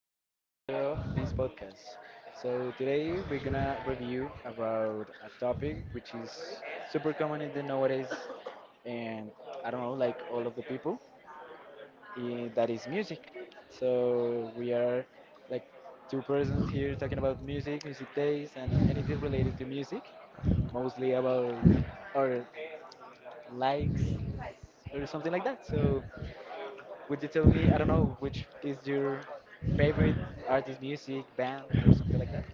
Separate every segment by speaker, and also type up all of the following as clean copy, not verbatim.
Speaker 1: in this chapter of this podcast. So, today we're gonna review about a topic which is super common in the nowadays, and I don't know, like all of the people, that is music. So, we are like two persons here talking about music, music days, and anything related to music, mostly about our likes or something like that. So, would you tell me, I don't know, which is your favorite artist, music, band, or something like that?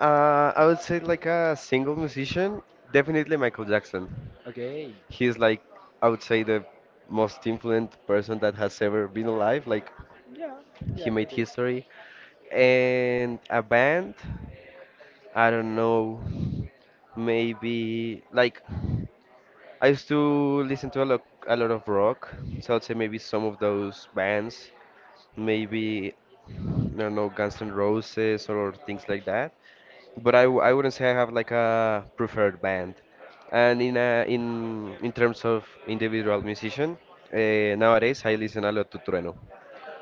Speaker 2: I would say like a single musician, definitely Michael Jackson.
Speaker 1: Okay.
Speaker 2: He's like, I would say the most influent person that has ever been alive. Like
Speaker 1: Yeah,
Speaker 2: he
Speaker 1: yeah,
Speaker 2: made
Speaker 1: could be.
Speaker 2: history. And a band, I don't know, maybe like I used to listen to a lot of rock, so I'd say maybe some of those bands, maybe I don't know Guns N' Roses or things like that. But I wouldn't say I have like a preferred band. And in terms of individual musician, nowadays I listen a lot to Trueno.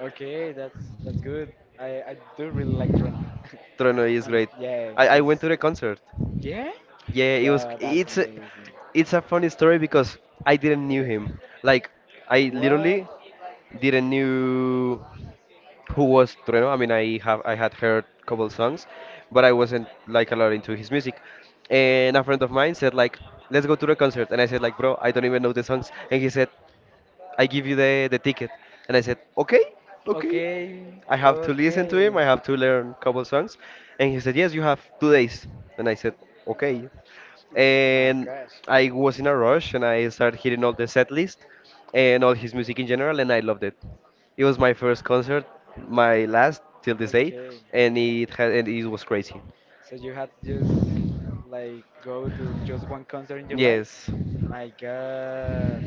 Speaker 1: Okay, that's good. I I do really like Trina.
Speaker 2: Trueno is
Speaker 1: I mean,
Speaker 2: great.
Speaker 1: yeah,
Speaker 2: I went to
Speaker 1: it's
Speaker 2: the concert.
Speaker 1: yeah.
Speaker 2: Yeah, it was.
Speaker 1: Well, that's
Speaker 2: It's a,
Speaker 1: amazing.
Speaker 2: it's a funny story because I didn't knew
Speaker 1: Okay.
Speaker 2: him. Like I
Speaker 1: What?
Speaker 2: literally didn't knew who was Trueno. I mean, I had heard couple songs, but I wasn't like a lot into his music. And a friend of mine said like, "Let's go to the concert," and I said like, "Bro, I don't even know the songs," and he said. I give you the ticket. And I said, okay, okay.
Speaker 1: Okay,
Speaker 2: I have to listen to him.
Speaker 1: okay.
Speaker 2: I have to learn a couple songs. And he said, yes, you have 2 days. And I said, okay.
Speaker 1: My
Speaker 2: And
Speaker 1: gosh.
Speaker 2: I was in a rush and I started hitting all the set list and all his music in general. And I loved it. It was my first concert, my last till this day.
Speaker 1: Okay.
Speaker 2: And it, had, and it was crazy.
Speaker 1: So you had just like go to just one concert in your life?
Speaker 2: Yes.
Speaker 1: My God,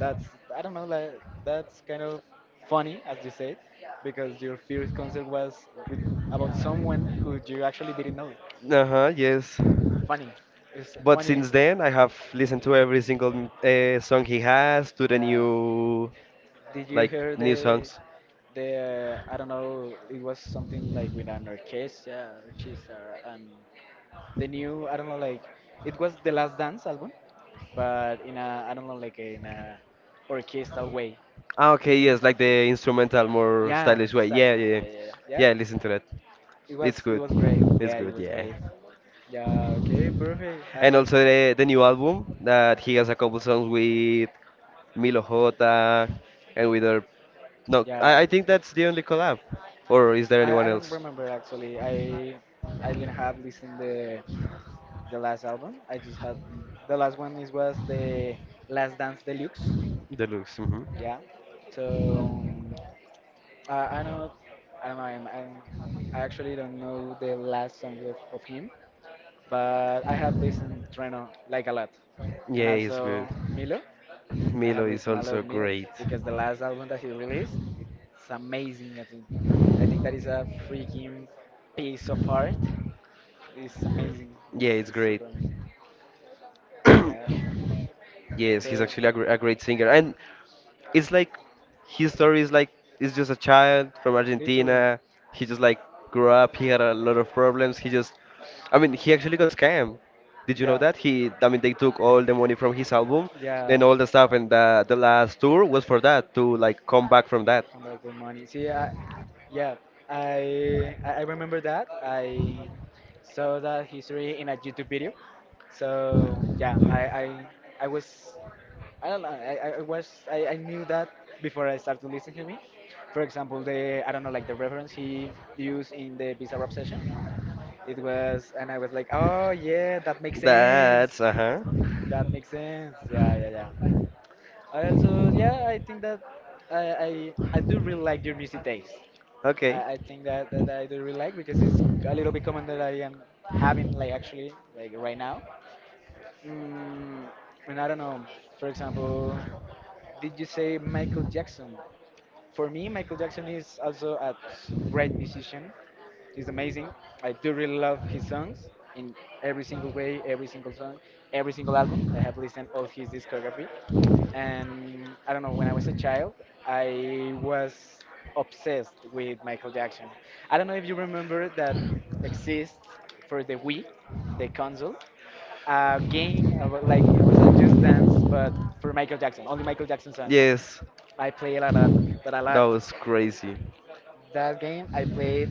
Speaker 1: that's I don't know like that's kind of funny as you said, because your first concert was with about someone who you actually didn't know.
Speaker 2: Uh-huh, yes.
Speaker 1: Funny. It's
Speaker 2: But
Speaker 1: funny.
Speaker 2: since then, I have listened to every single song he has, to the
Speaker 1: Yeah.
Speaker 2: new,
Speaker 1: Did you
Speaker 2: like
Speaker 1: hear
Speaker 2: new
Speaker 1: the
Speaker 2: songs.
Speaker 1: I don't know, it was something like with an orchestra, orchestra and the new I don't know like it was the last dance album, but in a I don't know like in a orchestral way.
Speaker 2: Ah, okay,
Speaker 1: Did you
Speaker 2: yes,
Speaker 1: have
Speaker 2: like the
Speaker 1: it?
Speaker 2: instrumental, more
Speaker 1: Yeah,
Speaker 2: stylish way. Yeah,
Speaker 1: exactly.
Speaker 2: yeah, yeah.
Speaker 1: Yeah, yeah, yeah. Yeah?
Speaker 2: Yeah, listen to that.
Speaker 1: It
Speaker 2: It's
Speaker 1: was
Speaker 2: good.
Speaker 1: great.
Speaker 2: It's
Speaker 1: Yeah, it
Speaker 2: good,
Speaker 1: was
Speaker 2: yeah.
Speaker 1: great. Yeah, okay, perfect.
Speaker 2: And also the new album that he
Speaker 1: I
Speaker 2: has a couple songs with Milo Jota and with her. No, I,
Speaker 1: Yeah,
Speaker 2: I think that's the only collab. Or is there
Speaker 1: I,
Speaker 2: anyone
Speaker 1: I don't
Speaker 2: else?
Speaker 1: remember actually. I didn't have listened the last album. I just had the last one is was the Last Dance Deluxe.
Speaker 2: Deluxe. Mm-hmm.
Speaker 1: Yeah. So I know I don't know I'm I actually don't know the last song of, him, but I have listened Treno like a lot,
Speaker 2: Yeah,
Speaker 1: and
Speaker 2: it's good.
Speaker 1: also Milo. I have
Speaker 2: Milo is
Speaker 1: listened a lot
Speaker 2: also
Speaker 1: of Milk
Speaker 2: great.
Speaker 1: because the last album that he released, it's amazing. I think that is a freaking piece of art. It's amazing.
Speaker 2: Yeah, it's
Speaker 1: It's
Speaker 2: great.
Speaker 1: super amazing. Yeah.
Speaker 2: Yes,
Speaker 1: So.
Speaker 2: he's actually a, gr a great singer, and it's like his story is like it's just a child from
Speaker 1: Literally.
Speaker 2: Argentina. He just like grew up. He had a lot of problems. He just, I mean, he actually got scammed. Did you know
Speaker 1: Yeah.
Speaker 2: that? He, I mean, they took all the money from his album and
Speaker 1: Yeah.
Speaker 2: all the stuff, and the last tour was for that to like come back from that.
Speaker 1: Come back the money. Yeah, I remember that. I saw that history in a YouTube video. So yeah, I was I don't know. I was I knew that before I started listening to me. For example, the I don't know like the reference he used in the Bizarre Obsession. It was and I was like, oh yeah, that makes sense.
Speaker 2: That's uh-huh.
Speaker 1: That makes sense. Yeah, yeah, yeah, yeah, I think that I do really like your music taste.
Speaker 2: Okay.
Speaker 1: I think that I do really like because it's a little bit common that I am having, like, actually, like, right now. Mm, and I don't know, for example, did you say Michael Jackson? For me, Michael Jackson is also a great musician. He's amazing. I do really love his songs in every single way, every single song, every single album. I have listened all his discography. And I don't know, when I was a child, I was obsessed with Michael Jackson. I don't know if you remember that exists for the Wii, the console a game about, like it was a Just Dance, but for Michael Jackson, only Michael Jackson songs.
Speaker 2: Yes,
Speaker 1: I played a lot, but a
Speaker 2: that
Speaker 1: lot.
Speaker 2: was crazy.
Speaker 1: That game I played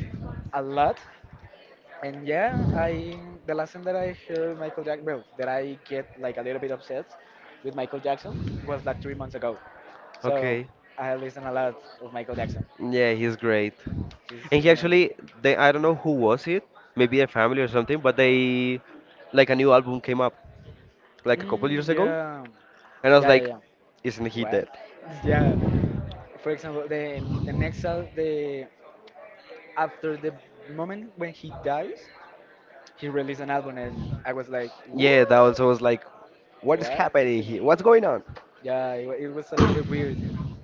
Speaker 1: a lot, and yeah, I the last time that I heard Michael Jackson, well, that I get like a little bit upset with Michael Jackson was like 3 months ago. So
Speaker 2: Okay.
Speaker 1: I listen a lot of Michael Jackson.
Speaker 2: Yeah, he's great. And
Speaker 1: He's
Speaker 2: he actually,
Speaker 1: amazing.
Speaker 2: they, I don't know who was it, maybe a family or something, but they, like a new album came up like a couple years
Speaker 1: Mm,
Speaker 2: ago,
Speaker 1: yeah,
Speaker 2: and I was
Speaker 1: yeah, yeah,
Speaker 2: like,
Speaker 1: yeah.
Speaker 2: isn't he dead?
Speaker 1: What? Yeah. For example, the after the moment when he dies, he released an album, and I was like,
Speaker 2: Yeah, that
Speaker 1: what?
Speaker 2: also was like, what is
Speaker 1: What
Speaker 2: happening here?
Speaker 1: happening?
Speaker 2: What's going on?
Speaker 1: It was a little bit weird.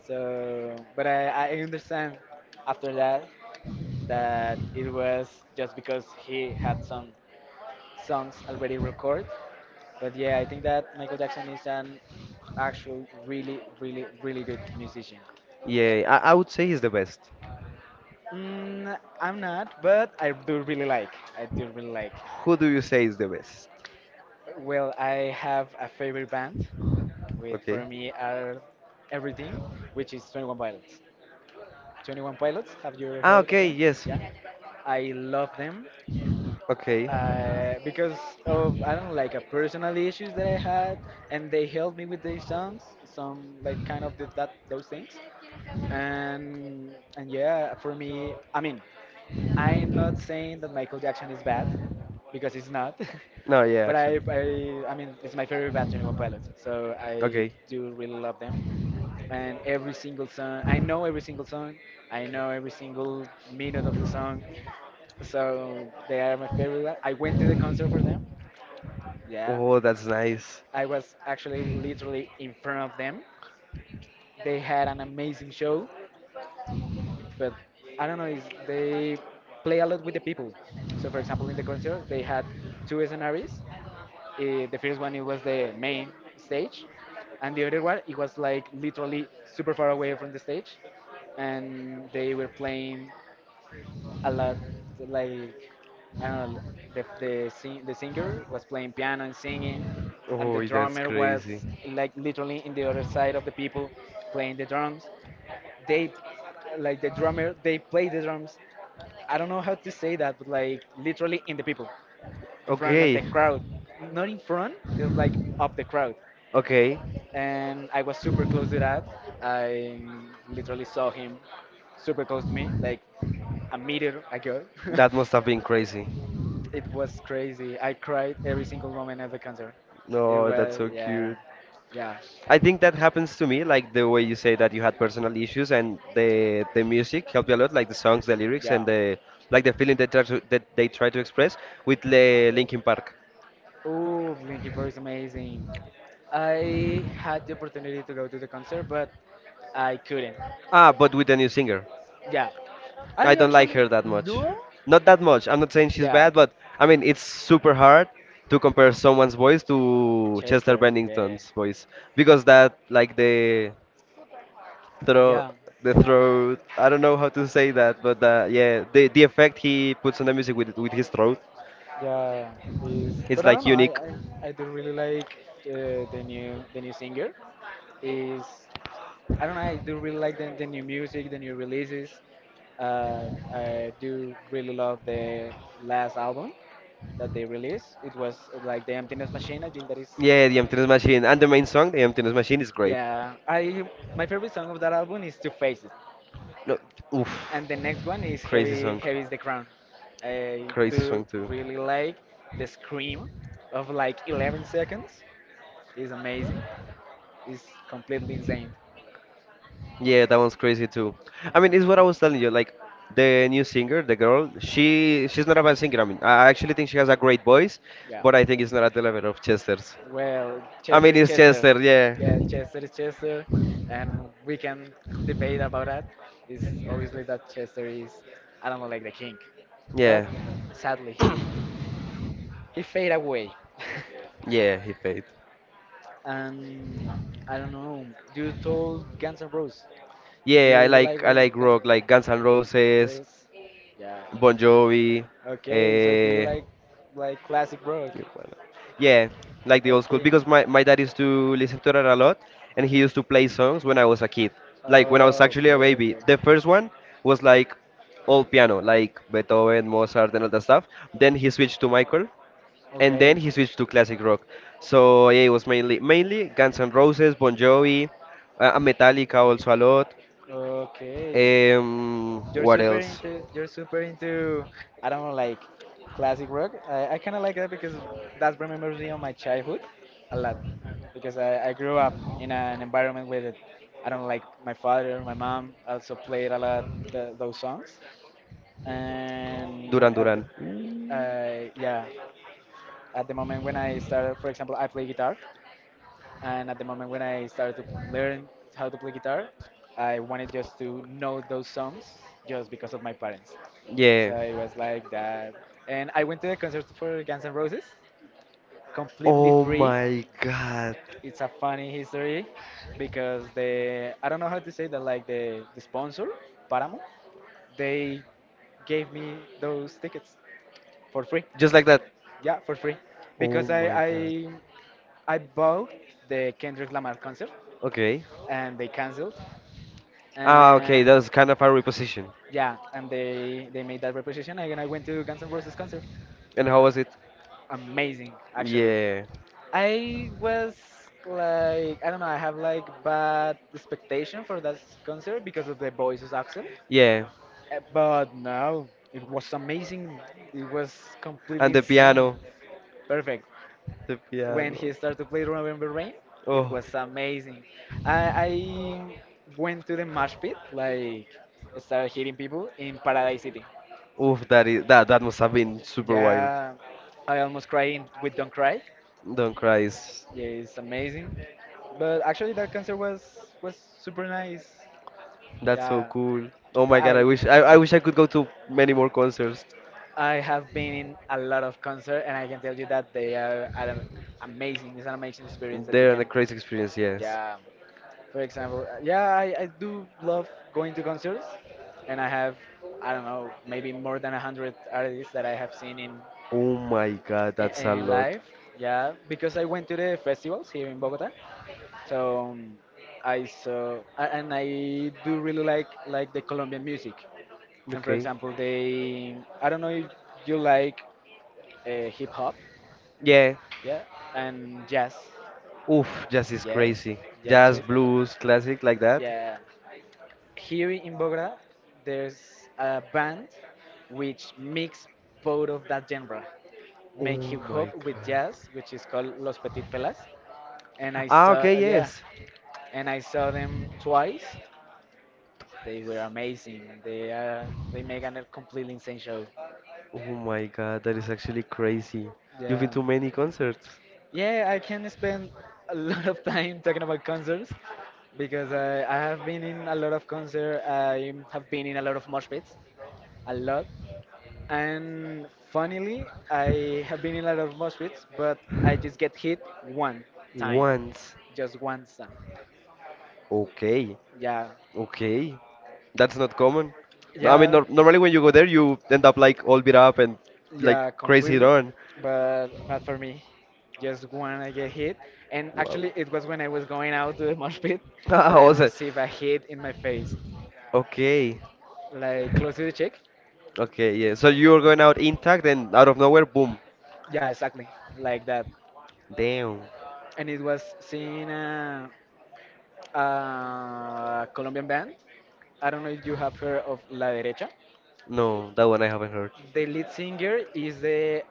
Speaker 1: So, but I understand after that that it was just because he had some songs already recorded. But yeah, I think that Michael Jackson is an actual really, really, really good musician.
Speaker 2: Yeah, I would say he's the best.
Speaker 1: I'm not, but I do really like. I do really like.
Speaker 2: Who do you say is the best?
Speaker 1: Well, I have a favorite band. With
Speaker 2: Okay.
Speaker 1: For me are everything, which is 21 Pilots. 21 Pilots, have you
Speaker 2: Ah,
Speaker 1: heard of
Speaker 2: okay,
Speaker 1: them?
Speaker 2: yes.
Speaker 1: Yeah, I love them
Speaker 2: Okay.
Speaker 1: because of I don't know, like a personal issues that I had, and they helped me with their songs. Some like kind of did that those things, and yeah, for me, I mean, I'm not saying that Michael Jackson is bad because he's not.
Speaker 2: No, yeah,
Speaker 1: But
Speaker 2: actually.
Speaker 1: I mean, it's my favorite band, 21 Pilots. So I
Speaker 2: Okay.
Speaker 1: do really love them and every single song. I know every single song. I know every single minute of the song. So they are my favorite. I went to the concert for them. Yeah,
Speaker 2: Oh, that's nice.
Speaker 1: I was actually literally in front of them. They had an amazing show, but I don't know. Is they play a lot with the people. So for example, in the concert, they had two scenarios. The first one it was the main stage, and the other one it was like literally super far away from the stage and they were playing a lot like I don't know the singer was playing piano and singing and the
Speaker 2: Oh, that's
Speaker 1: drummer was
Speaker 2: crazy.
Speaker 1: like literally in the other side of the people playing the drums they like the drummer they play the drums I don't know how to say that but like literally in the people in front of
Speaker 2: Okay,
Speaker 1: the crowd not in front just like of the crowd
Speaker 2: Okay,
Speaker 1: and I was super close to that I literally saw him super close to me like a meter ago
Speaker 2: that must have been crazy.
Speaker 1: It was crazy. I cried every single moment at the concert. It
Speaker 2: No, that's
Speaker 1: was
Speaker 2: so
Speaker 1: yeah,
Speaker 2: cute.
Speaker 1: yeah,
Speaker 2: I think that happens to me, like the way you say that you had personal issues and the music helped you a lot, like the songs, the lyrics,
Speaker 1: yeah.
Speaker 2: and the like the feeling they try to, that they try to express with the Linkin Park.
Speaker 1: Ooh, Linkin Park is amazing. I had the opportunity to go to the concert, but I couldn't.
Speaker 2: Ah, but with the new singer.
Speaker 1: Yeah,
Speaker 2: I
Speaker 1: I
Speaker 2: don't like
Speaker 1: actually
Speaker 2: her that much.
Speaker 1: no.
Speaker 2: Not that much. I'm not saying she's
Speaker 1: Yeah,
Speaker 2: bad, but I mean it's super hard to compare someone's voice to Chester
Speaker 1: Chester. Yeah,
Speaker 2: Bennington's voice because that like the throw
Speaker 1: yeah.
Speaker 2: the throat. I don't know how to say that, but yeah, the effect he puts on the music with his throat,
Speaker 1: Yeah, is
Speaker 2: it's
Speaker 1: but I don't
Speaker 2: like
Speaker 1: know.
Speaker 2: unique.
Speaker 1: I do really like the new singer. Is I don't know. I do really like the new music, the new releases. I do really love the last album that they released. It was like the Emptiness Machine. I think that is.
Speaker 2: Yeah, the emptiness machine and the main song, the emptiness machine, is great.
Speaker 1: Yeah, I my favorite song of that album is To Face It
Speaker 2: No, oof,
Speaker 1: and the next one is
Speaker 2: crazy
Speaker 1: heavy
Speaker 2: song,
Speaker 1: is the crown. I
Speaker 2: crazy
Speaker 1: do
Speaker 2: song too.
Speaker 1: really like the scream of like 11 seconds. Is amazing, it's completely insane.
Speaker 2: Yeah, that one's crazy too. I mean, it's what I was telling you. Like the new singer, the girl, she she's not a bad singer. I mean, I actually think she has a great voice,
Speaker 1: Yeah,
Speaker 2: but I think it's not at the level of Chester's.
Speaker 1: well,
Speaker 2: I
Speaker 1: Chester
Speaker 2: mean,
Speaker 1: is
Speaker 2: it's
Speaker 1: Chester.
Speaker 2: Chester. Yeah,
Speaker 1: Yeah, Chester is Chester, and we can debate about that. It's obviously that Chester is I don't know like the king, but
Speaker 2: yeah,
Speaker 1: sadly he fade away.
Speaker 2: yeah. He paid.
Speaker 1: And I don't know. Do you told Guns N' Roses? Do
Speaker 2: Yeah,
Speaker 1: you like
Speaker 2: I
Speaker 1: really
Speaker 2: like
Speaker 1: Guns?
Speaker 2: rock like Guns N' Roses,
Speaker 1: Yes. Yeah.
Speaker 2: Bon Jovi.
Speaker 1: Okay. So do you
Speaker 2: Uh,
Speaker 1: like classic rock?
Speaker 2: yeah, like the old school
Speaker 1: Okay.
Speaker 2: because my dad used to listen to that a lot and he used to play songs when I was a kid. Like when I was
Speaker 1: Oh,
Speaker 2: actually a baby.
Speaker 1: perfect.
Speaker 2: The first one was like all piano, like Beethoven, Mozart and all that stuff. Then he switched to Michael and then
Speaker 1: Okay.
Speaker 2: he switched to classic rock. So yeah, it was mainly mainly Guns N' Roses, Bon Jovi, and Metallica also a lot.
Speaker 1: Okay. You're
Speaker 2: What
Speaker 1: super
Speaker 2: else?
Speaker 1: into I don't know like classic rock. I kind of like that because that remembers me of my childhood a lot because I grew up in an environment where I don't know, like my father, my mom also played a lot those songs and
Speaker 2: Duran
Speaker 1: when at
Speaker 2: Duran.
Speaker 1: the yeah at the moment when I started for example I play guitar and at the moment when I started to learn how to play guitar, I wanted just to know those songs just because of my parents. So
Speaker 2: Yeah.
Speaker 1: it was like that. And I went to the concert for Guns N' Roses completely
Speaker 2: Oh
Speaker 1: free.
Speaker 2: my god.
Speaker 1: It's a funny history because the I don't know how to say that like the sponsor Paramount they gave me those tickets for free.
Speaker 2: Just like that.
Speaker 1: Yeah, for free
Speaker 2: Oh
Speaker 1: because I
Speaker 2: my
Speaker 1: I
Speaker 2: god.
Speaker 1: I bought the Kendrick Lamar concert
Speaker 2: Okay.
Speaker 1: and they canceled
Speaker 2: Ah,
Speaker 1: Uh,
Speaker 2: okay, that was kind of a reposition.
Speaker 1: yeah, and they made that reposition, and I went to Guns N' Roses concert.
Speaker 2: And how was it?
Speaker 1: Amazing, actually.
Speaker 2: Yeah.
Speaker 1: I was like, I don't know, I have like bad expectation for that concert because of the voices accent.
Speaker 2: Yeah.
Speaker 1: But no, it was amazing. It was completely
Speaker 2: And the
Speaker 1: insane,
Speaker 2: piano.
Speaker 1: perfect.
Speaker 2: The
Speaker 1: When he
Speaker 2: piano.
Speaker 1: started to play Remember Rain, it
Speaker 2: Oh,
Speaker 1: was amazing. I went to the mosh pit, like started hitting people in Paradise City.
Speaker 2: oof, that is that that must have been super wild.
Speaker 1: Yeah, I almost cried with Don't Cry.
Speaker 2: Don't cry. Is-
Speaker 1: Yeah, it's amazing. But actually, that concert was super nice.
Speaker 2: That's so
Speaker 1: Yeah,
Speaker 2: cool. Oh my
Speaker 1: yeah,
Speaker 2: god, I wish I, I wish I could go to many more concerts.
Speaker 1: I have been in a lot of concert, and I can tell you that they are an amazing. It's an amazing experience that you
Speaker 2: They're a
Speaker 1: can.
Speaker 2: crazy experience, yes.
Speaker 1: Yeah, for example, yeah, I do love going to concerts, and I have I don't know maybe more than a hundred artists that I have seen in
Speaker 2: Oh my god, that's a
Speaker 1: in
Speaker 2: lot.
Speaker 1: live. Yeah, because I went to the festivals here in Bogota. So I saw a- and I do really like the Colombian music. And for
Speaker 2: Okay.
Speaker 1: example, they I don't know if you like hip hop,
Speaker 2: Yeah.
Speaker 1: yeah, and jazz.
Speaker 2: Oof, jazz is
Speaker 1: Yes,
Speaker 2: crazy.
Speaker 1: jazz is
Speaker 2: Jazz,
Speaker 1: sweet.
Speaker 2: blues, classic like that.
Speaker 1: Yeah, here in Bogota, there's a band which mix both of that genre, make
Speaker 2: Oh
Speaker 1: hip
Speaker 2: my
Speaker 1: hop with
Speaker 2: god.
Speaker 1: jazz, which is called Los Petit Felas. And I
Speaker 2: Ah, okay,
Speaker 1: saw, yeah,
Speaker 2: yes.
Speaker 1: and I saw them twice. They were amazing. They make a completely insane show.
Speaker 2: Oh my god, that is actually crazy. You've been
Speaker 1: Yeah,
Speaker 2: to many concerts.
Speaker 1: yeah. I can spend a lot of time talking about concerts because I have been in a lot of concert. I have been in a lot of mosh pits, a lot. And funnily, I have been in a lot of mosh pits, but I just get hit one time,
Speaker 2: Once.
Speaker 1: just once time.
Speaker 2: Okay.
Speaker 1: Yeah,
Speaker 2: Okay. That's not common. No, I mean,
Speaker 1: yeah.
Speaker 2: nor normally when you go there, you end up like all beat up and like
Speaker 1: Yeah,
Speaker 2: crazy
Speaker 1: completely,
Speaker 2: run.
Speaker 1: but not for me. Just when I get hit, and
Speaker 2: Wow.
Speaker 1: actually it was when I was going out to the mosh pit,
Speaker 2: Ah,
Speaker 1: but I
Speaker 2: also,
Speaker 1: received a hit in my face,
Speaker 2: okay.
Speaker 1: like close to the cheek.
Speaker 2: Okay, yeah. So you were going out intact and out of nowhere, boom.
Speaker 1: Yeah, exactly, like that.
Speaker 2: Damn.
Speaker 1: And it was seen a Colombian band. I don't know if you have heard of La Derecha.
Speaker 2: No, that one I haven't heard.
Speaker 1: The lead singer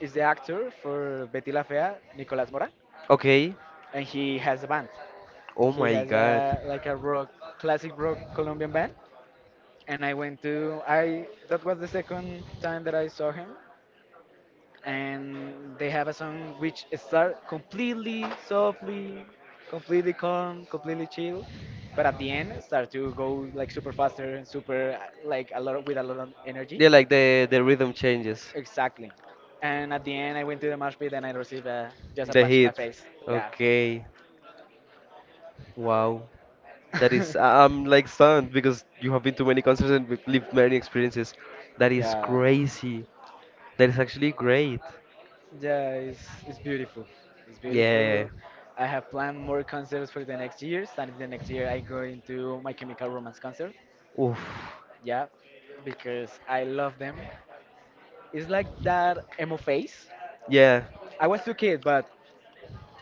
Speaker 1: is the actor for Betty La Fea, Nicolás Mora,
Speaker 2: Okay.
Speaker 1: and he has a band.
Speaker 2: Oh
Speaker 1: He
Speaker 2: my
Speaker 1: has
Speaker 2: god.
Speaker 1: a like a rock, classic rock Colombian band, and I went to I. That was the second time that I saw him, and they have a song which start completely softly, completely calm, completely chill, but at the end start to go like super faster and super like a lot with a lot of energy.
Speaker 2: Yeah, like the rhythm changes,
Speaker 1: Exactly. And at the end, I went to the mosh pit and I received a, just a
Speaker 2: the
Speaker 1: punch in my
Speaker 2: hit.
Speaker 1: face. Yeah.
Speaker 2: Okay. Wow. That is, I- I'm like stunned because you have been to many concerts and we've lived many experiences. That is
Speaker 1: yeah.
Speaker 2: crazy. That is actually great.
Speaker 1: Yeah, it's, it's beautiful. It's
Speaker 2: Yeah.
Speaker 1: beautiful. I have planned more concerts for the next year. Starting the next year I go into My Chemical Romance concert.
Speaker 2: Oof.
Speaker 1: Yeah, because I love them. It's like that emo phase.
Speaker 2: Yeah.
Speaker 1: I was too kid, but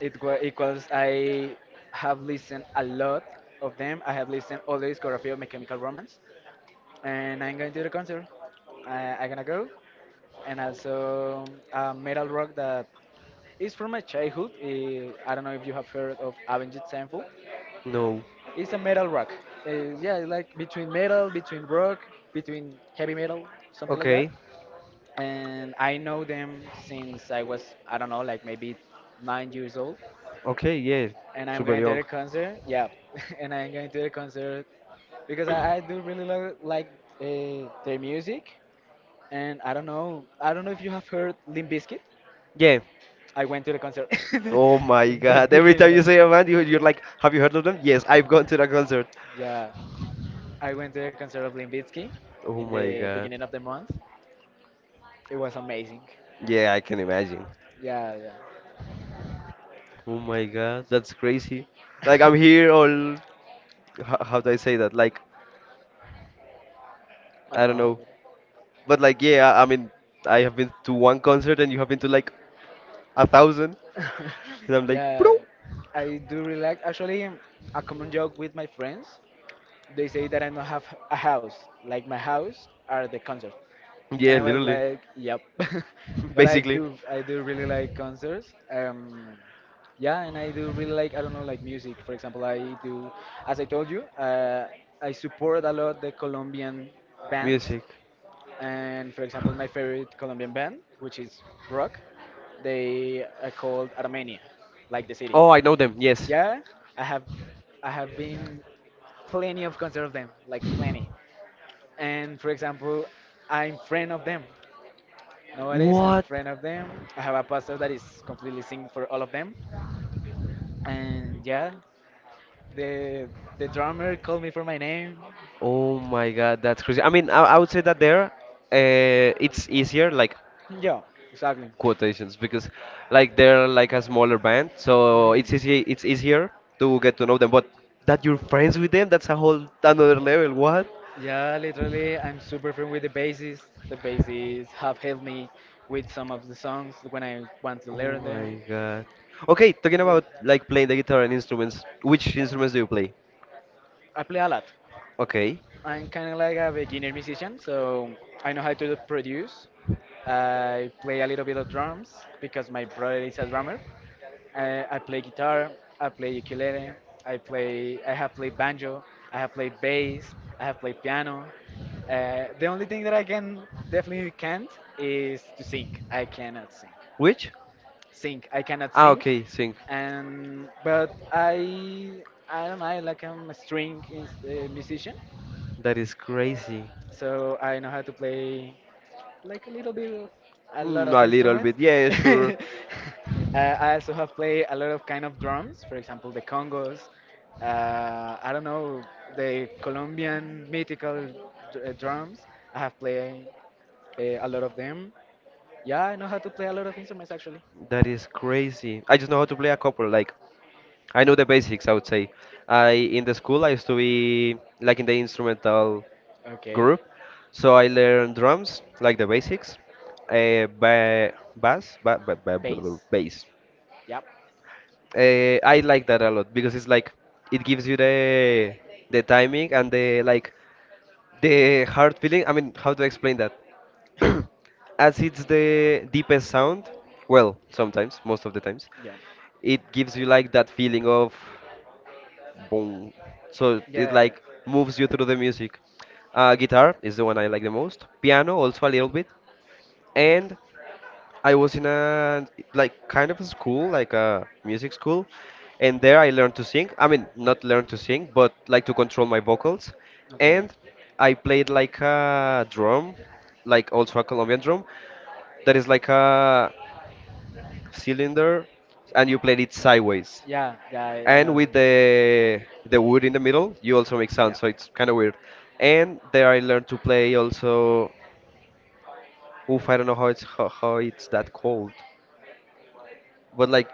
Speaker 1: it was because I have listened a lot of them. I have listened all the discography of My Chemical Romance, and I'm going to the concert. I'm gonna go, and also metal rock that it's from my childhood. I don't know if you have heard of Avenged Sevenfold.
Speaker 2: No.
Speaker 1: It's a metal rock. Yeah, it's like between metal, between rock, between heavy metal, something like
Speaker 2: Okay.
Speaker 1: that. And I know them since I was, I don't know, like maybe 9 years old.
Speaker 2: Okay. Yeah.
Speaker 1: And I'm
Speaker 2: Super
Speaker 1: going to
Speaker 2: young.
Speaker 1: the concert. Yeah, and I'm going to the concert because I do really like their music. And I don't know if you have heard Limp Bizkit.
Speaker 2: Yeah.
Speaker 1: I went to the concert
Speaker 2: Oh my
Speaker 1: in the
Speaker 2: god. Every time
Speaker 1: beginning
Speaker 2: you
Speaker 1: of
Speaker 2: say
Speaker 1: the.
Speaker 2: a band, you, you're like, have you heard of them? Yes, I've gone to the concert.
Speaker 1: Yeah, I went to the concert of Limbitsky
Speaker 2: Oh
Speaker 1: in
Speaker 2: my
Speaker 1: the
Speaker 2: god.
Speaker 1: beginning of the month. It was amazing.
Speaker 2: Yeah, I can imagine.
Speaker 1: Yeah, yeah.
Speaker 2: Oh my God, that's crazy. Like I'm here all how do I say that? Like
Speaker 1: I
Speaker 2: I
Speaker 1: don't
Speaker 2: don't
Speaker 1: know.
Speaker 2: know, but like yeah, I mean I have been to one concert and you have been to like a thousand,
Speaker 1: But
Speaker 2: and I'm like bro.
Speaker 1: yeah, I do relax. Actually, a common joke with my friends, they say that I don't have a house. Like my house are the concert. And
Speaker 2: Yeah,
Speaker 1: I was
Speaker 2: literally,
Speaker 1: like, yep. but I
Speaker 2: basically,
Speaker 1: do really like concerts. Yeah, and I do really like I don't know like music. For example, I do as I told you, I support a lot the Colombian bands.
Speaker 2: music.
Speaker 1: And for example, my favorite Colombian band, which is rock, they are called Armenia, like the city.
Speaker 2: Oh, I know them. Yes.
Speaker 1: Yeah, I have I have been plenty of concerts of them, like plenty. And for example, I'm friend of them. Nowadays, I'm
Speaker 2: What?
Speaker 1: friend of them. I have a pastor that is completely sing for all of them. And yeah, the the drummer called me for my name.
Speaker 2: Oh my God, that's crazy. I mean, I would say that there, it's easier. Like
Speaker 1: Yeah, exactly.
Speaker 2: quotations because like they're like a smaller band, so
Speaker 1: Mhm.
Speaker 2: it's easy it's easier to get to know them. But that you're friends with them, that's a whole another level. What?
Speaker 1: Yeah, literally, I'm super friend with the bassist. The bassist have helped me with some of the songs when I want to
Speaker 2: Oh
Speaker 1: learn them.
Speaker 2: my god. Okay, talking about like playing the guitar and instruments, which instruments do you play?
Speaker 1: I play a lot.
Speaker 2: Okay.
Speaker 1: I'm kind of like a beginner musician, so I know how to produce. I play a little bit of drums because my brother is a drummer. I play guitar, I play ukulele, I play, I have played banjo, I have played bass, I have played piano. The only thing that I can definitely can't is to sing. I cannot sing.
Speaker 2: Which?
Speaker 1: Sing, I cannot
Speaker 2: Ah,
Speaker 1: sing.
Speaker 2: okay, sing.
Speaker 1: And but I don't know, I like I'm a string musician
Speaker 2: That is crazy.
Speaker 1: so I know how to play like a little bit of a lot
Speaker 2: Mm,
Speaker 1: of
Speaker 2: a little
Speaker 1: instruments.
Speaker 2: bit, yeah, yeah, sure.
Speaker 1: uh, I also have played a lot of kind of drums, for example the congos. I don't know the Colombian mythical drums. I have played a lot of them. Yeah, I know how to play a lot of instruments actually.
Speaker 2: That is crazy. I just know how to play a couple. Like, I know the basics, I would say. I in the school I used to be like in the instrumental
Speaker 1: Okay,
Speaker 2: group. So I learned drums, like the basics, ba- bass, ba- ba- ba- blah, blah,
Speaker 1: bass.
Speaker 2: bass.
Speaker 1: Yep.
Speaker 2: I like that a lot because it's like it gives you the timing and the like the hard feeling. I mean, how do I explain that? As it's the deepest sound, well, sometimes, most of the times,
Speaker 1: Yeah.
Speaker 2: it gives you like that feeling of boom. So it
Speaker 1: Yeah.
Speaker 2: like moves you through the music. Guitar is the one I like the most. Piano also a little bit. And I was in a like kind of a school, like a music school, and there I learned to sing. I mean, not learn to sing, but like to control my vocals,
Speaker 1: Okay.
Speaker 2: and I played like a drum, like also a Colombian drum, that is like a cylinder, and you played it sideways,
Speaker 1: Yeah, yeah, I
Speaker 2: and
Speaker 1: know.
Speaker 2: with the wood in the middle, you also make
Speaker 1: Yeah.
Speaker 2: sound, so it's kind of weird. And there I learned to play also. Oof, I don't know how it's that called, but like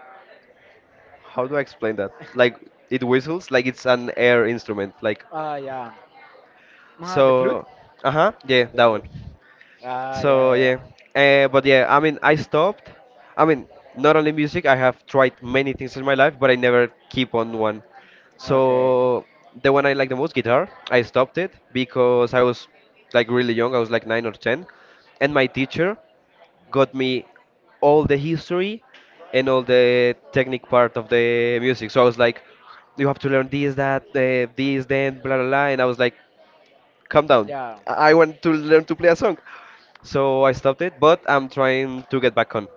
Speaker 2: how do I explain that? Like it whistles, like it's an air instrument. Like
Speaker 1: Ah, yeah. Ah, the flute?
Speaker 2: so, uh huh, yeah, that one.
Speaker 1: Ah, yeah,
Speaker 2: So
Speaker 1: yeah,
Speaker 2: yeah, but yeah, I mean, I stopped. I mean, not only music. I have tried many things in my life, but I never keep
Speaker 1: yeah.
Speaker 2: on one.
Speaker 1: Okay.
Speaker 2: So the one I like the most, guitar, I stopped it because I was like really young. I was like nine or ten, and my teacher got me all the history and all the technique part of the music. So I was like, you have to learn this, that, this, then, blah, blah, blah. And I was like, calm down.
Speaker 1: Yeah.
Speaker 2: I want to learn to play a song. So I stopped it, but I'm trying to get back on.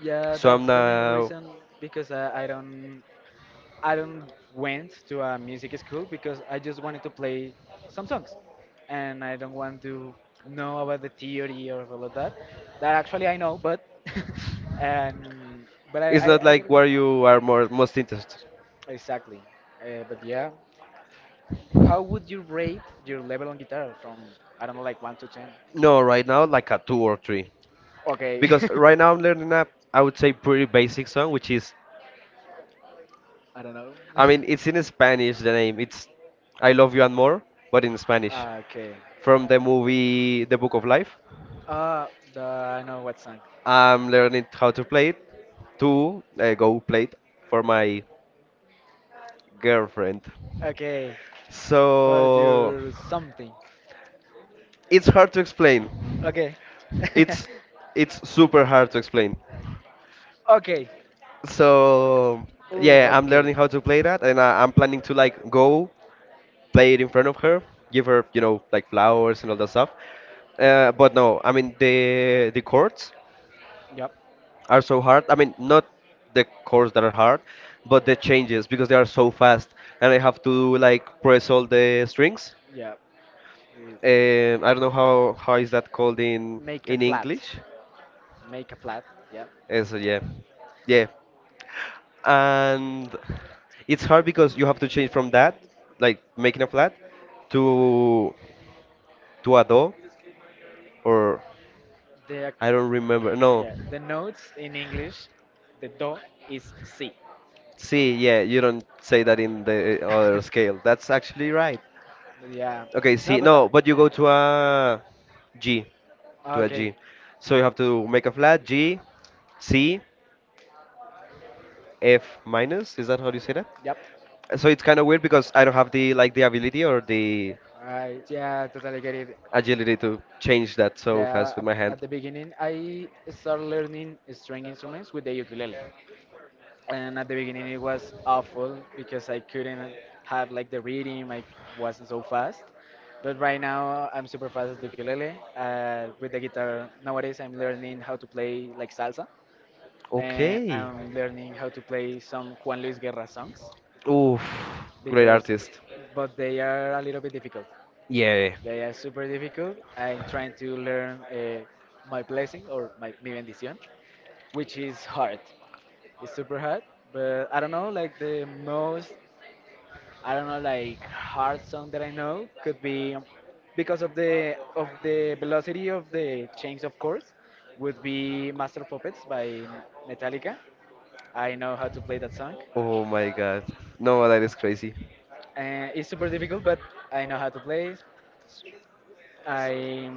Speaker 1: Yeah,
Speaker 2: So I'm
Speaker 1: that's the main
Speaker 2: now.
Speaker 1: reason because I don't went to a music school because I just wanted to play some songs, and I don't want to know about the theory or all of that. That actually I know, but and but
Speaker 2: It's not
Speaker 1: I
Speaker 2: like
Speaker 1: didn't want
Speaker 2: where you are more most interested.
Speaker 1: exactly. But yeah, how would you rate your level on guitar from I don't know like one to ten?
Speaker 2: No, right now like a two or three,
Speaker 1: Okay.
Speaker 2: because right now I'm learning a, I would say, pretty basic song, which is,
Speaker 1: I don't know.
Speaker 2: I mean it's in Spanish. The name it's I Love You and More, but in Spanish,
Speaker 1: okay.
Speaker 2: from the movie The Book of Life.
Speaker 1: Uh, I know what song.
Speaker 2: I'm learning how to play it to go play it for my girlfriend.
Speaker 1: Okay. For
Speaker 2: So
Speaker 1: your something.
Speaker 2: it's hard to explain.
Speaker 1: Okay.
Speaker 2: It's it's super hard to explain.
Speaker 1: okay.
Speaker 2: So
Speaker 1: Ooh,
Speaker 2: yeah, I'm
Speaker 1: okay.
Speaker 2: learning how to play that, and I'm planning to like go play it in front of her, give her like flowers and all that stuff. But no, I mean the chords
Speaker 1: Yep.
Speaker 2: are so hard. I mean not the chords that are hard, but the changes, because they are so fast, and I have to like press all the strings.
Speaker 1: Yep. We-
Speaker 2: I don't know how is that called
Speaker 1: Make a
Speaker 2: in
Speaker 1: flat.
Speaker 2: English.
Speaker 1: Make a flat. Yep.
Speaker 2: So yeah, yeah, and it's hard because you have to change from that, like making a flat, to to a do, or
Speaker 1: The ac-
Speaker 2: I don't remember. No,
Speaker 1: yeah, the notes in English, the do is si.
Speaker 2: see, yeah, you don't say that in the other scale. That's actually right.
Speaker 1: yeah.
Speaker 2: Okay,
Speaker 1: No,
Speaker 2: see,
Speaker 1: but that,
Speaker 2: no, but you go G, to a
Speaker 1: okay.
Speaker 2: G. So you have to make a flat G, C, F minus. Is that how you say that?
Speaker 1: Yep.
Speaker 2: So it's kind of weird because I don't have the like the ability or the
Speaker 1: I yeah, totally get it.
Speaker 2: agility to change that so
Speaker 1: Yeah,
Speaker 2: fast with my hand.
Speaker 1: at the beginning I started learning string instruments with the ukulele. And at the beginning it was awful because I couldn't have like the rhythm. I wasn't so fast, but right now I'm super fast at the ukulele. With the guitar nowadays, I'm learning how to play like salsa, and
Speaker 2: Okay.
Speaker 1: I'm learning how to play some Juan Luis Guerra songs
Speaker 2: Oof, great
Speaker 1: because,
Speaker 2: artist.
Speaker 1: but they are a little bit difficult.
Speaker 2: Yeah.
Speaker 1: They are super difficult. I'm trying to learn my blessing or my mi bendición, which is hard it's super hard, but I don't know. Like the most, I don't know, like hard song that I know could be because of the velocity of the change of chords would be Master of Puppets by Metallica. I know how to play that song.
Speaker 2: Oh my god. No, that is crazy.
Speaker 1: It's super difficult, but I know how to play. I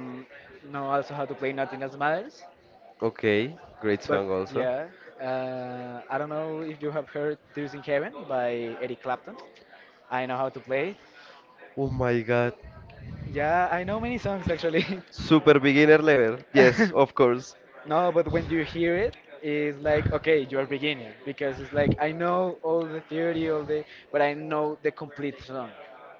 Speaker 1: know also how to play Nothing Else Matters.
Speaker 2: Okay, great
Speaker 1: But
Speaker 2: song also.
Speaker 1: yeah, I don't know if you have heard Tears in Heaven by Eric Clapton. I know how to play it.
Speaker 2: Oh my god.
Speaker 1: Yeah, I know many songs actually.
Speaker 2: Super beginner level. Yes, of course.
Speaker 1: No, but when you hear it, it's like, okay, you're a beginner because it's like I know all the theory, all the, but I know the complete song.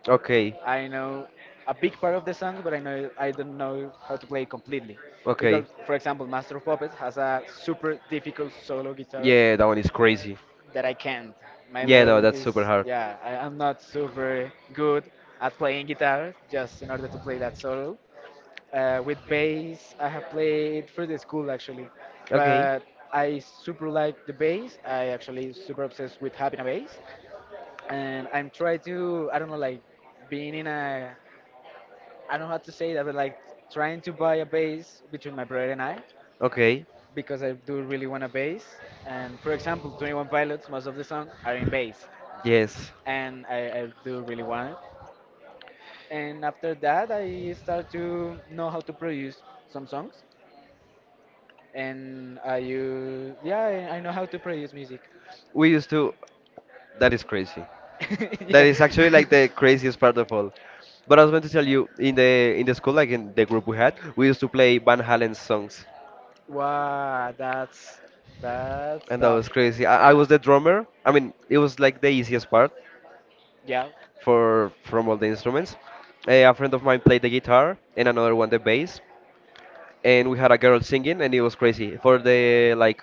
Speaker 2: Okay.
Speaker 1: I know a big part of the song, but I know I don't know how to play it completely. Because,
Speaker 2: Okay.
Speaker 1: for example, Master of Puppets has a super difficult solo guitar
Speaker 2: Yeah, that one is crazy.
Speaker 1: that I can't. My
Speaker 2: Yeah, no,
Speaker 1: level
Speaker 2: that's super
Speaker 1: is,
Speaker 2: hard.
Speaker 1: yeah, I'm not super good at playing guitar just in order to play that solo. With bass, I have played for the school actually,
Speaker 2: Okay.
Speaker 1: but I super like the bass. I actually super obsessed with having a bass, and I'm trying to I don't know like being in a I don't know how to say that, but like trying to buy a bass between my brother and I
Speaker 2: Okay.
Speaker 1: because I do really want a bass. And for example, 21 Pilots, most of the songs are in bass,
Speaker 2: Yes.
Speaker 1: and I do really want it. And after that, I start to know how to produce some songs and I use yeah I know how to produce music.
Speaker 2: We used to. That is crazy. That
Speaker 1: yeah.
Speaker 2: is actually like the craziest part of all. But I was going to tell you, in the school, like in the group we had, we used to play Van Halen's songs,
Speaker 1: Wow, that's
Speaker 2: and that
Speaker 1: tough.
Speaker 2: was crazy. I was
Speaker 1: Yeah,
Speaker 2: the drummer. I mean, it was like the easiest part
Speaker 1: yeah.
Speaker 2: for from all the instruments. Eh, a friend of mine played the guitar, and another one the bass, and we had a girl singing, and it was crazy. For the like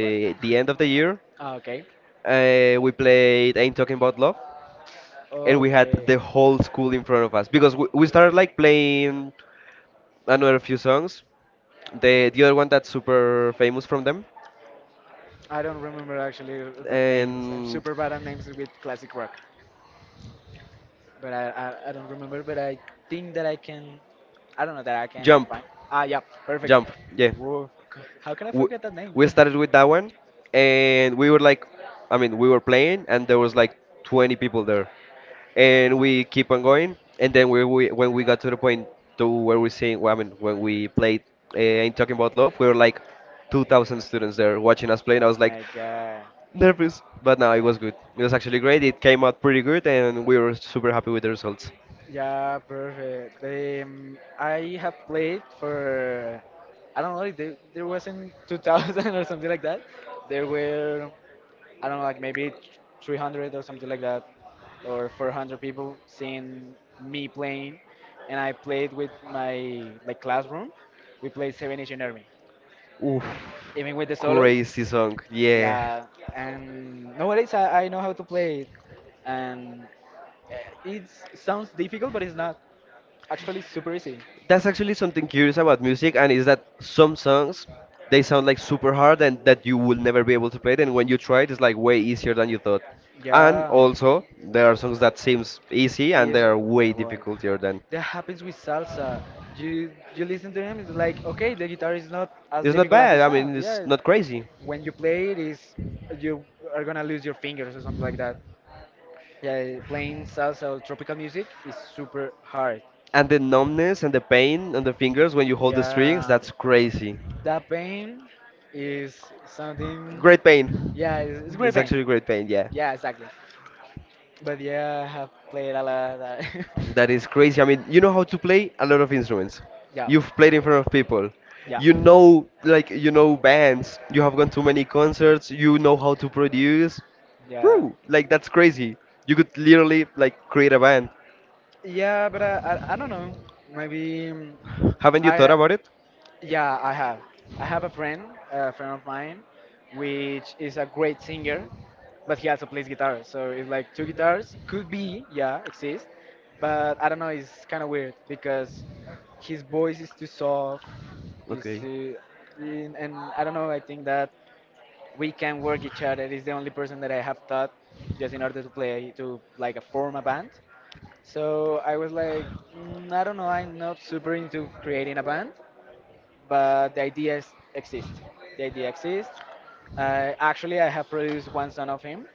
Speaker 1: What?
Speaker 2: the end of the year,
Speaker 1: okay,
Speaker 2: we played Ain't Talking About Love, and we had
Speaker 1: okay.
Speaker 2: the whole school in front of us because we started like playing another few songs. The other one that's super famous from them,
Speaker 1: I don't remember actually the names. I'm
Speaker 2: and
Speaker 1: super bad at names with classic rock. But I don't remember. But I think that I can. I don't know that I can
Speaker 2: Jump,
Speaker 1: find. Ah, yeah, perfect.
Speaker 2: Jump. Yeah,
Speaker 1: Whoa, c- how can I
Speaker 2: we,
Speaker 1: forget that name?
Speaker 2: we
Speaker 1: Yeah.
Speaker 2: started with that one, and we were like, I mean, we were playing, and there was like 20 people there, and we keep on going, and then we when we got to the point to where we sing, well, I mean, when we played, I talking about love, we were like 2,000 students there watching us play,
Speaker 1: Oh
Speaker 2: and I was like,
Speaker 1: My God.
Speaker 2: nervous, but no, it was good. It was actually great. It came
Speaker 1: Yeah.
Speaker 2: out pretty good, and we were super happy with the results.
Speaker 1: Yeah, perfect. They, I have played for, I don't know, like there was in 2000 or something like that. There were, I don't know, like maybe 300 or something like that, or 400 people seeing me playing. And I played with my like classroom. We played Seven Nation Army,
Speaker 2: Oof,
Speaker 1: even with the solo.
Speaker 2: crazy song. Yeah,
Speaker 1: Yeah, and nowadays I know how to play it, and it sounds difficult, but it's not. Actually, it's super easy.
Speaker 2: that's actually something curious about music, and is that some songs they sound like super hard and that you will never be able to play it, and when you try it, it's like way easier than you thought. And
Speaker 1: Yeah.
Speaker 2: also, there are songs that seems easy and they
Speaker 1: Is
Speaker 2: are way
Speaker 1: well, well,
Speaker 2: difficultier than.
Speaker 1: that happens with salsa. You listen to them, it's like okay, the guitar is not as
Speaker 2: It's not
Speaker 1: difficult as
Speaker 2: bad.
Speaker 1: it
Speaker 2: I mean,
Speaker 1: sounds.
Speaker 2: it's
Speaker 1: Yeah,
Speaker 2: not crazy.
Speaker 1: when you play it, is you are gonna lose your fingers or something like that. Yeah, playing salsa or tropical music is super hard.
Speaker 2: And the numbness and the pain on the fingers when you hold the strings,
Speaker 1: Yeah,
Speaker 2: that's crazy.
Speaker 1: that pain is something.
Speaker 2: Great pain.
Speaker 1: It's great
Speaker 2: It's
Speaker 1: pain.
Speaker 2: actually great pain, yeah.
Speaker 1: Yeah, exactly. But yeah, I have played a lot.
Speaker 2: That is crazy. I mean, you know how to play a lot of instruments.
Speaker 1: Yeah,
Speaker 2: You've played in front of people.
Speaker 1: yeah,
Speaker 2: You know, like, you know bands. You have gone to many concerts. You know how to produce.
Speaker 1: yeah,
Speaker 2: Bro, like, that's crazy. You could literally, like, create a band.
Speaker 1: yeah. But I don't know. Maybe
Speaker 2: Haven't you thought
Speaker 1: I.
Speaker 2: about it?
Speaker 1: Yeah, I have. I have a friend of mine, which is a great singer, but he also plays guitar. So it's like two guitars. Could be, yeah, exist, but I don't know. It's kind of weird because his voice is too soft. Is
Speaker 2: Okay.
Speaker 1: too, and I don't know. I think that we can work each other. Is the only person that I have taught just in order to play to like form a band. So I was like, mm, I don't know. I'm not super into creating a band but the ideas exist. The idea exists. Actually, I have produced one song of him.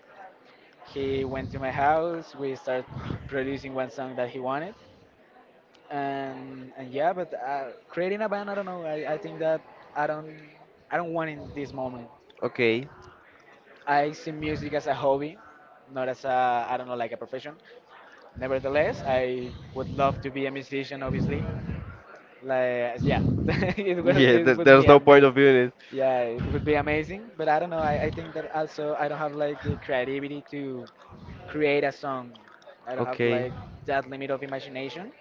Speaker 1: He went to my house. We started producing one song that he wanted, and yeah. But creating a band, I don't know. I think that I don't I don't want in this moment.
Speaker 2: Okay.
Speaker 1: I see music as a hobby, not as a I don't know like a profession. Nevertheless, I would love to be a musician, obviously. Like yeah,
Speaker 2: Yeah,
Speaker 1: it would
Speaker 2: there's
Speaker 1: be
Speaker 2: no point
Speaker 1: amazing.
Speaker 2: of doing it.
Speaker 1: Yeah, it would be amazing. But I don't know. I think that also I don't have like the creativity to create a song. I don't have
Speaker 2: Okay.
Speaker 1: like that limit of imagination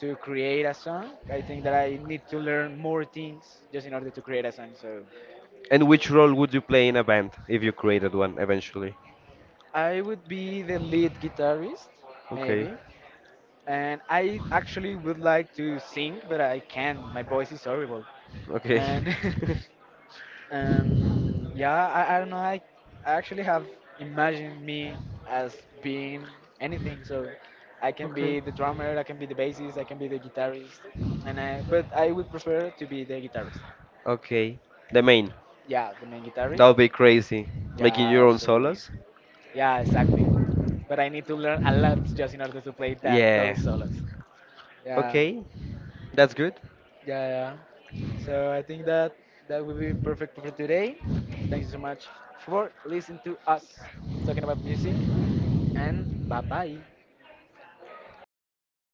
Speaker 1: to create a song. I think that I need to learn more things just in order to create a song. So
Speaker 2: And which role would you play in a band if you created one eventually?
Speaker 1: I would be the lead guitarist,
Speaker 2: Okay.
Speaker 1: maybe. And I actually would like to sing, but I can't. My voice is horrible.
Speaker 2: Okay.
Speaker 1: And And yeah, I don't know. I actually have imagined me as being anything. So I can
Speaker 2: Okay.
Speaker 1: be the drummer, I can be the bassist, I can be the guitarist. And I, but I would prefer to be the guitarist.
Speaker 2: Okay. The main.
Speaker 1: Yeah, the main
Speaker 2: That
Speaker 1: guitarist.
Speaker 2: would be crazy. Making
Speaker 1: Yeah,
Speaker 2: your own
Speaker 1: absolutely.
Speaker 2: solos?
Speaker 1: Yeah, exactly. But I need to learn a lot just in order to play that
Speaker 2: Yeah.
Speaker 1: those solos. Yeah,
Speaker 2: Okay. That's good.
Speaker 1: yeah, yeah. So I think that that will be perfect for today. Thank you so much for listening to us talking about music. And bye bye.